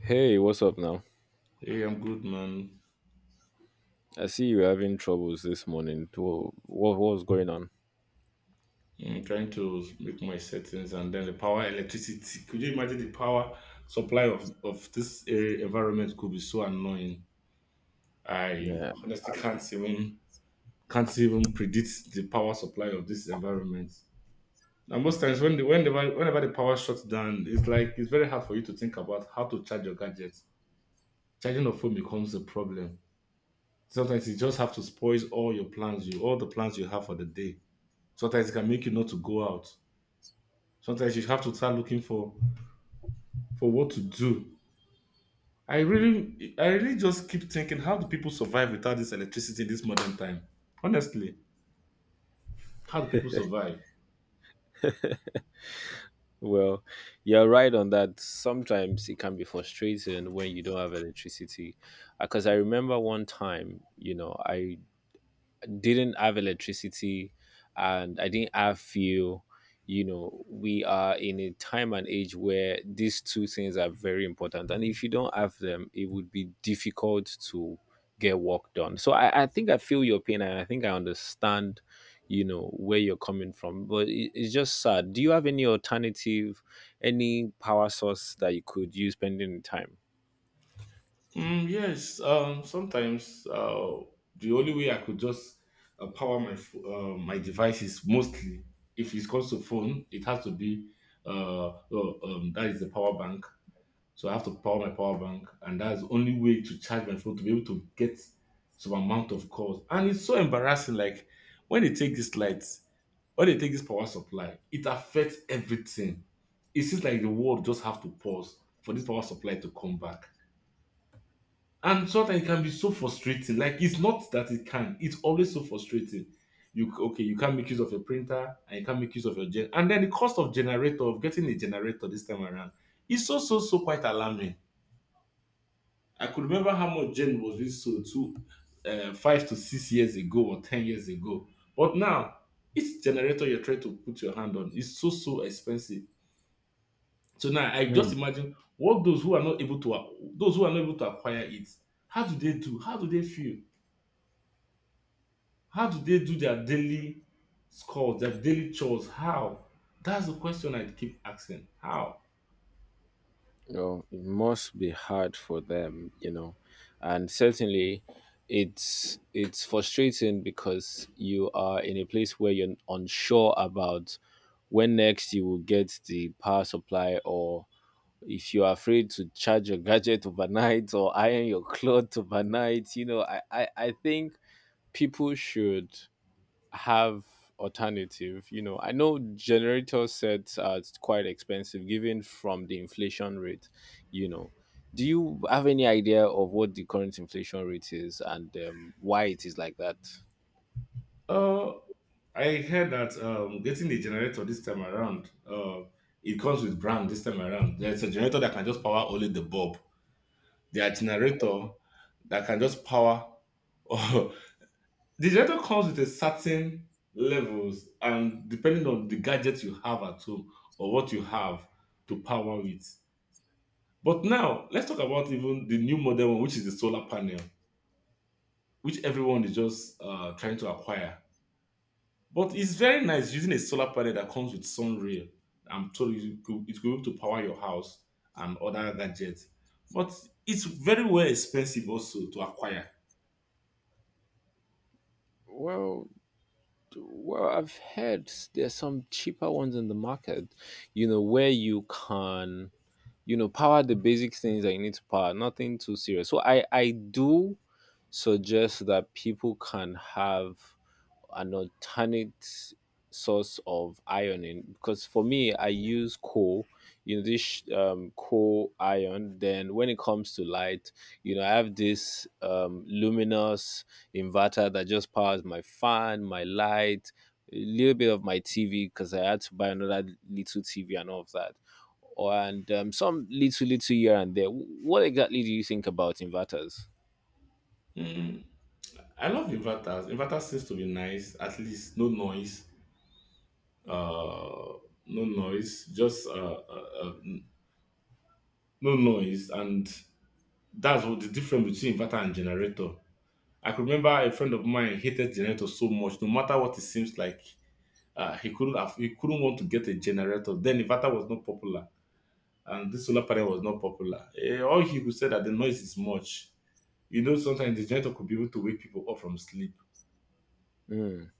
Hey, what's up now? Hey, I'm good, man. I see you're having troubles this morning. What's going on? Yeah, I'm trying to make my settings and then the power electricity. Could you imagine the power supply of this area environment could be so annoying? I Yeah. honestly can't even predict the power supply of this environment. And most times when the whenever whenever the power shuts down, it's like it's very hard for you to think about how to charge your gadgets. Charging your phone becomes a problem. Sometimes you just have to spoil all your plans, you all the plans you have for the day. Sometimes it can make you not to go out. Sometimes you have to start looking for what to do. I really just keep thinking, how do people survive without this electricity in this modern time? Honestly, how do people survive? Well, you're right on that. Sometimes it can be frustrating when you don't have electricity. Because I remember one time, I didn't have electricity and I didn't have fuel. We are in a time and age where these two things are very important. And if you don't have them, it would be difficult to get work done. So I think I feel your pain and I think I understand where you're coming from. But it's just sad. Do you have any alternative, any power source that you could use pending in time? Mm, yes, sometimes the only way I could just power my my devices mostly, if it comes to phone, it has to be uh, uh, that is the power bank. So I have to power my power bank, and that's the only way to charge my phone to be able to get some amount of calls. And it's so embarrassing. Like when they take these lights, when they take this power supply, it affects everything. It seems like the world just have to pause for this power supply to come back. And sometimes it can be so frustrating. Like it's not that it can, it's always so frustrating. You okay, you can't make use of your printer and you can't make use of your gen, and then the cost of generator of getting a generator this time around is so so so quite alarming. I could remember how much Jane was being sold 5 to 6 years ago or 10 years ago. But now, each generator you're trying to put your hand on is so so expensive. So now I just Hmm. imagine what those who are not able to acquire it. How do they do? How do they feel? How do they do their their daily chores? How? That's the question I keep asking. How? Oh, it must be hard for them, and certainly it's frustrating because you are in a place where you're unsure about when next you will get the power supply or if you're afraid to charge your gadget overnight or iron your clothes overnight, I think people should have alternative. I know generator sets are quite expensive given from the inflation rate you know do you have any idea of what the current inflation rate is and why it is like that? Uh, I heard that getting the generator this time around, it comes with brand this time around. There's a generator that can just power only the bulb. There are generator that can just power. The generator comes with a certain levels, and depending on the gadget you have at home or what you have to power it. But now let's talk about even the new model one, which is the solar panel, which everyone is just trying to acquire. But it's very nice using a solar panel that comes with sun rail. I'm told it's going to power your house and other gadgets. But it's very well expensive also to acquire. Well, well, I've heard there's some cheaper ones in the market, where you can power the basic things that you need to power, nothing too serious. So I do suggest that people can have an alternate source of ironing, because for me I use coal, you know, this coal iron. Then when it comes to light, you know, I have this luminous inverter that just powers my fan, my light, a little bit of my TV, because I had to buy another little TV and all of that, or and some little little here and there. What exactly do you think about inverters? Mm, I love inverters. Inverter seems to be nice. At least no noise. Uh, no noise. Just uh, uh, no noise. And that's what the difference between inverter and generator. I could remember a friend of mine hated generator so much. No matter what it seems like, he couldn't want to get a generator. Then inverter was not popular, and this solar panel was not popular. Eh, all he could say that the noise is much. You know, sometimes the generator could be able to wake people up from sleep, Mm.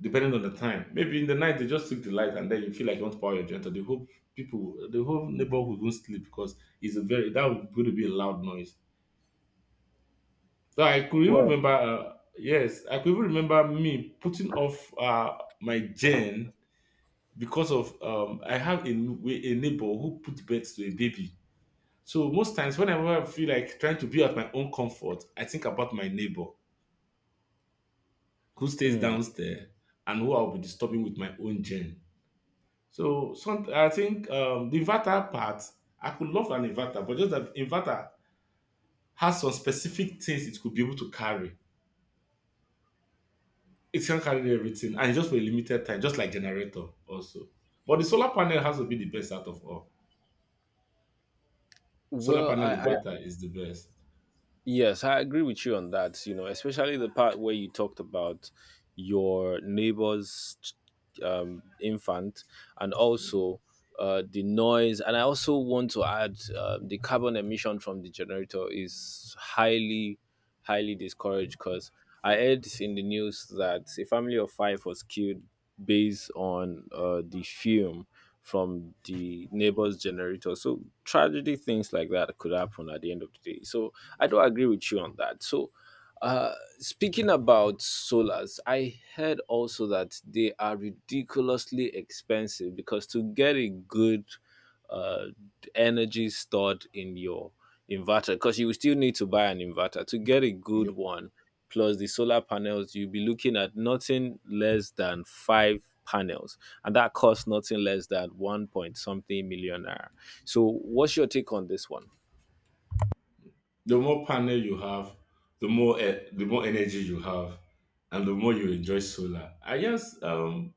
depending on the time. Maybe in the night they just took the light, and then you feel like you want to power your generator. The whole neighborhood won't sleep because it's a very that would going to be a loud noise. So I could even Well. remember, yes, I could even remember me putting off my gen because of I have a neighbor who put birth to a baby. So most times, whenever I feel like trying to be at my own comfort, I think about my neighbor who stays Hmm. downstairs and who I'll be disturbing with my own gen. So some, I think the inverter part, I could love an inverter, but just that inverter has some specific things it could be able to carry. It can carry everything, and it's just for a limited time, just like generator also. But the solar panel has to be the best out of all. Solar Well, panel I inverter is the best. yes, I agree with you on that. You know, especially the part where you talked about your neighbor's infant, and also the noise. And I also want to add the carbon emission from the generator is highly, highly discouraged, because I heard in the news that a family of five was killed based on the fume from the neighbor's generator. So tragedy things like that could happen at the end of the day. So I do agree with you on that. So uh speaking about solars, I heard also that they are ridiculously expensive, because to get a good uh energy stored in your inverter, because you will still need to buy an inverter to get a good one plus the solar panels, you'll be looking at nothing less than five panels, and that costs nothing less than one point something million naira. So, what's your take on this one? The more panel you have, the more energy you have, and the more you enjoy solar. I just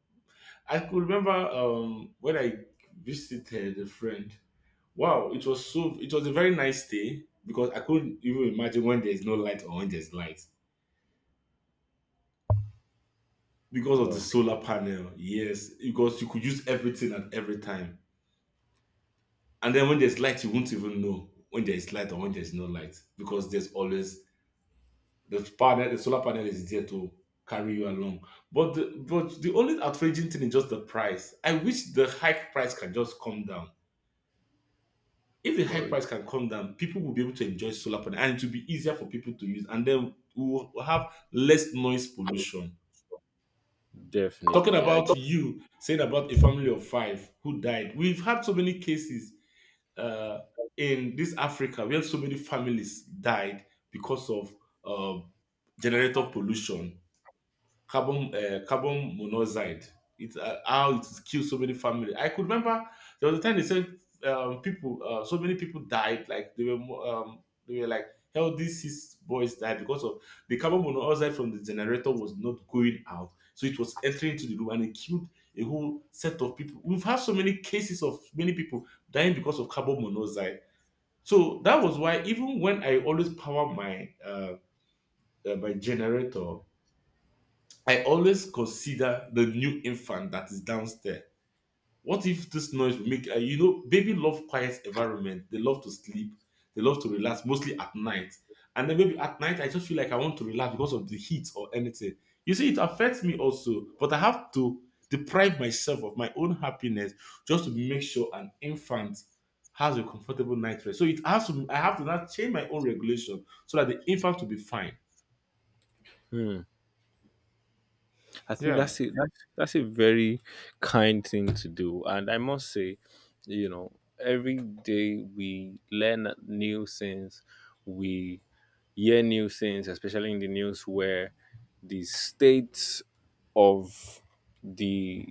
I could remember when I visited a friend. Wow, it was a very nice day because I couldn't even imagine when there's no light or when there's light because of the Well, solar panel. Yes, because you could use everything at every time, and then when there's light, you won't even know when there's light or when there's no light because there's always the solar panel is there to carry you along. But the only outraging thing is just the price. I wish the hike price can just come down. If the hike well, price can come down, people will be able to enjoy solar panel and it will be easier for people to use, and then we will have less noise pollution. Talking definitely. I about you saying about a family of five who died, we've had so many cases uh, in this Africa. We have so many families died because of uh, generator pollution, carbon carbon monoxide. It how it killed so many families. I could remember there was a time they said so many people died. Like they were like healthy six boys died because of the carbon monoxide from the generator was not going out, so it was entering into the room and it killed a whole set of people. We've had so many cases of many people dying because of carbon monoxide. So that was why even when I always power my my generator, I always consider the new infant that is downstairs. What if this noise will make you know baby love quiet environment? They love to sleep, they love to relax, mostly at night. And then maybe at night I just feel like I want to relax because of the heat or anything. You see, it affects me also, but I have to deprive myself of my own happiness just to make sure an infant has a comfortable night rest. So it has to I have to now change my own regulation so that the infant will be fine. Hmm. I think Yeah. that's it. That's a very kind thing to do, and I must say, you know, every day we learn new things. We hear new things, especially in the news, where the state of the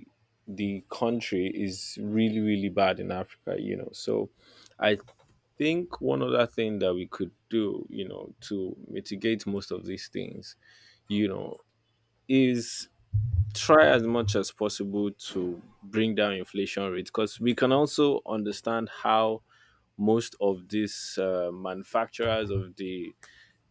the country is really really bad in Africa. So I think one other thing that we could do, to mitigate most of these things, you know, is try as much as possible to bring down inflation rates, because we can also understand how most of these manufacturers of the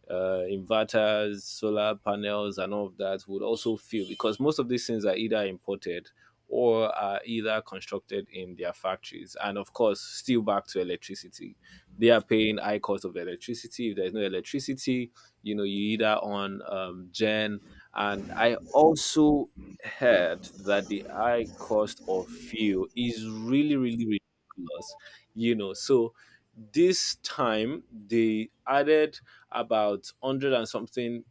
inverters, solar panels, and all of that would also fail, because most of these things are either imported or are either constructed in their factories. And of course, still back to electricity. They are paying high cost of electricity. If there's no electricity, you either on gen. And I also heard that the high cost of fuel is really, really ridiculous. So this time they added about 100 and something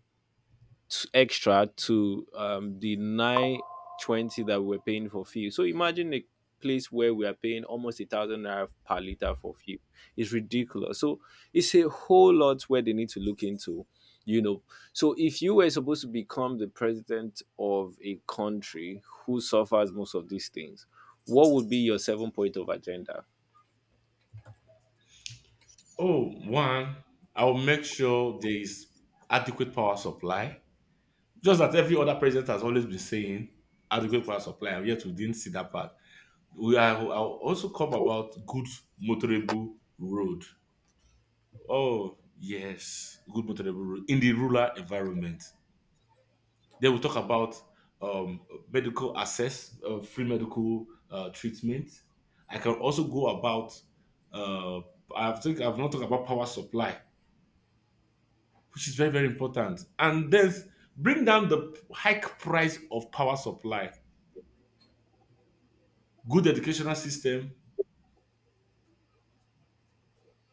extra to the 920 that we're paying for fuel. So imagine a place where we are paying almost 1,000 naira per liter for fuel. It's ridiculous. So it's a whole lot where they need to look into, you know. So if you were supposed to become the president of a country who suffers most of these things, what would be your seven point of agenda? Oh, one, I'll make sure there is adequate power supply. Just that every other president has always been saying adequate power supply, and yet we didn't see that part. We are I'll also come about good motorable road. Oh yes, good motorable road in the rural environment. Then we talk about um, medical access, free medical treatment. I can also go about. Uh, I think I've not talked about power supply which is very, very important. And then bring down the hike price of power supply, good educational system.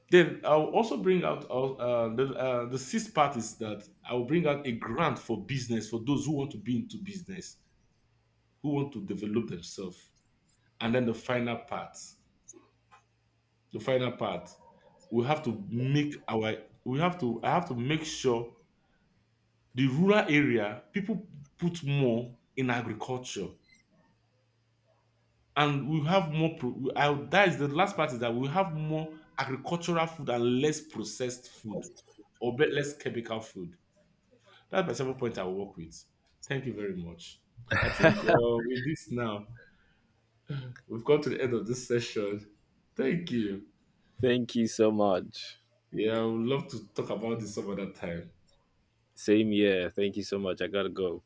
Then I'll also bring out the sixth part is that I'll bring out a grant for business for those who want to be into business, who want to develop themselves. And then the final part, we have to make our, we have to, I have to make sure the rural area, people put more in agriculture and we have more pro- we- I, that is the last part is that we have more agricultural food and less processed food or less chemical food. That's my 7 point I will work with. Thank you very much. I think with this now we've got to the end of this session. Thank you. Thank you so much. Yeah, I would love to talk about this some other time. Same here. Thank you so much. I gotta go.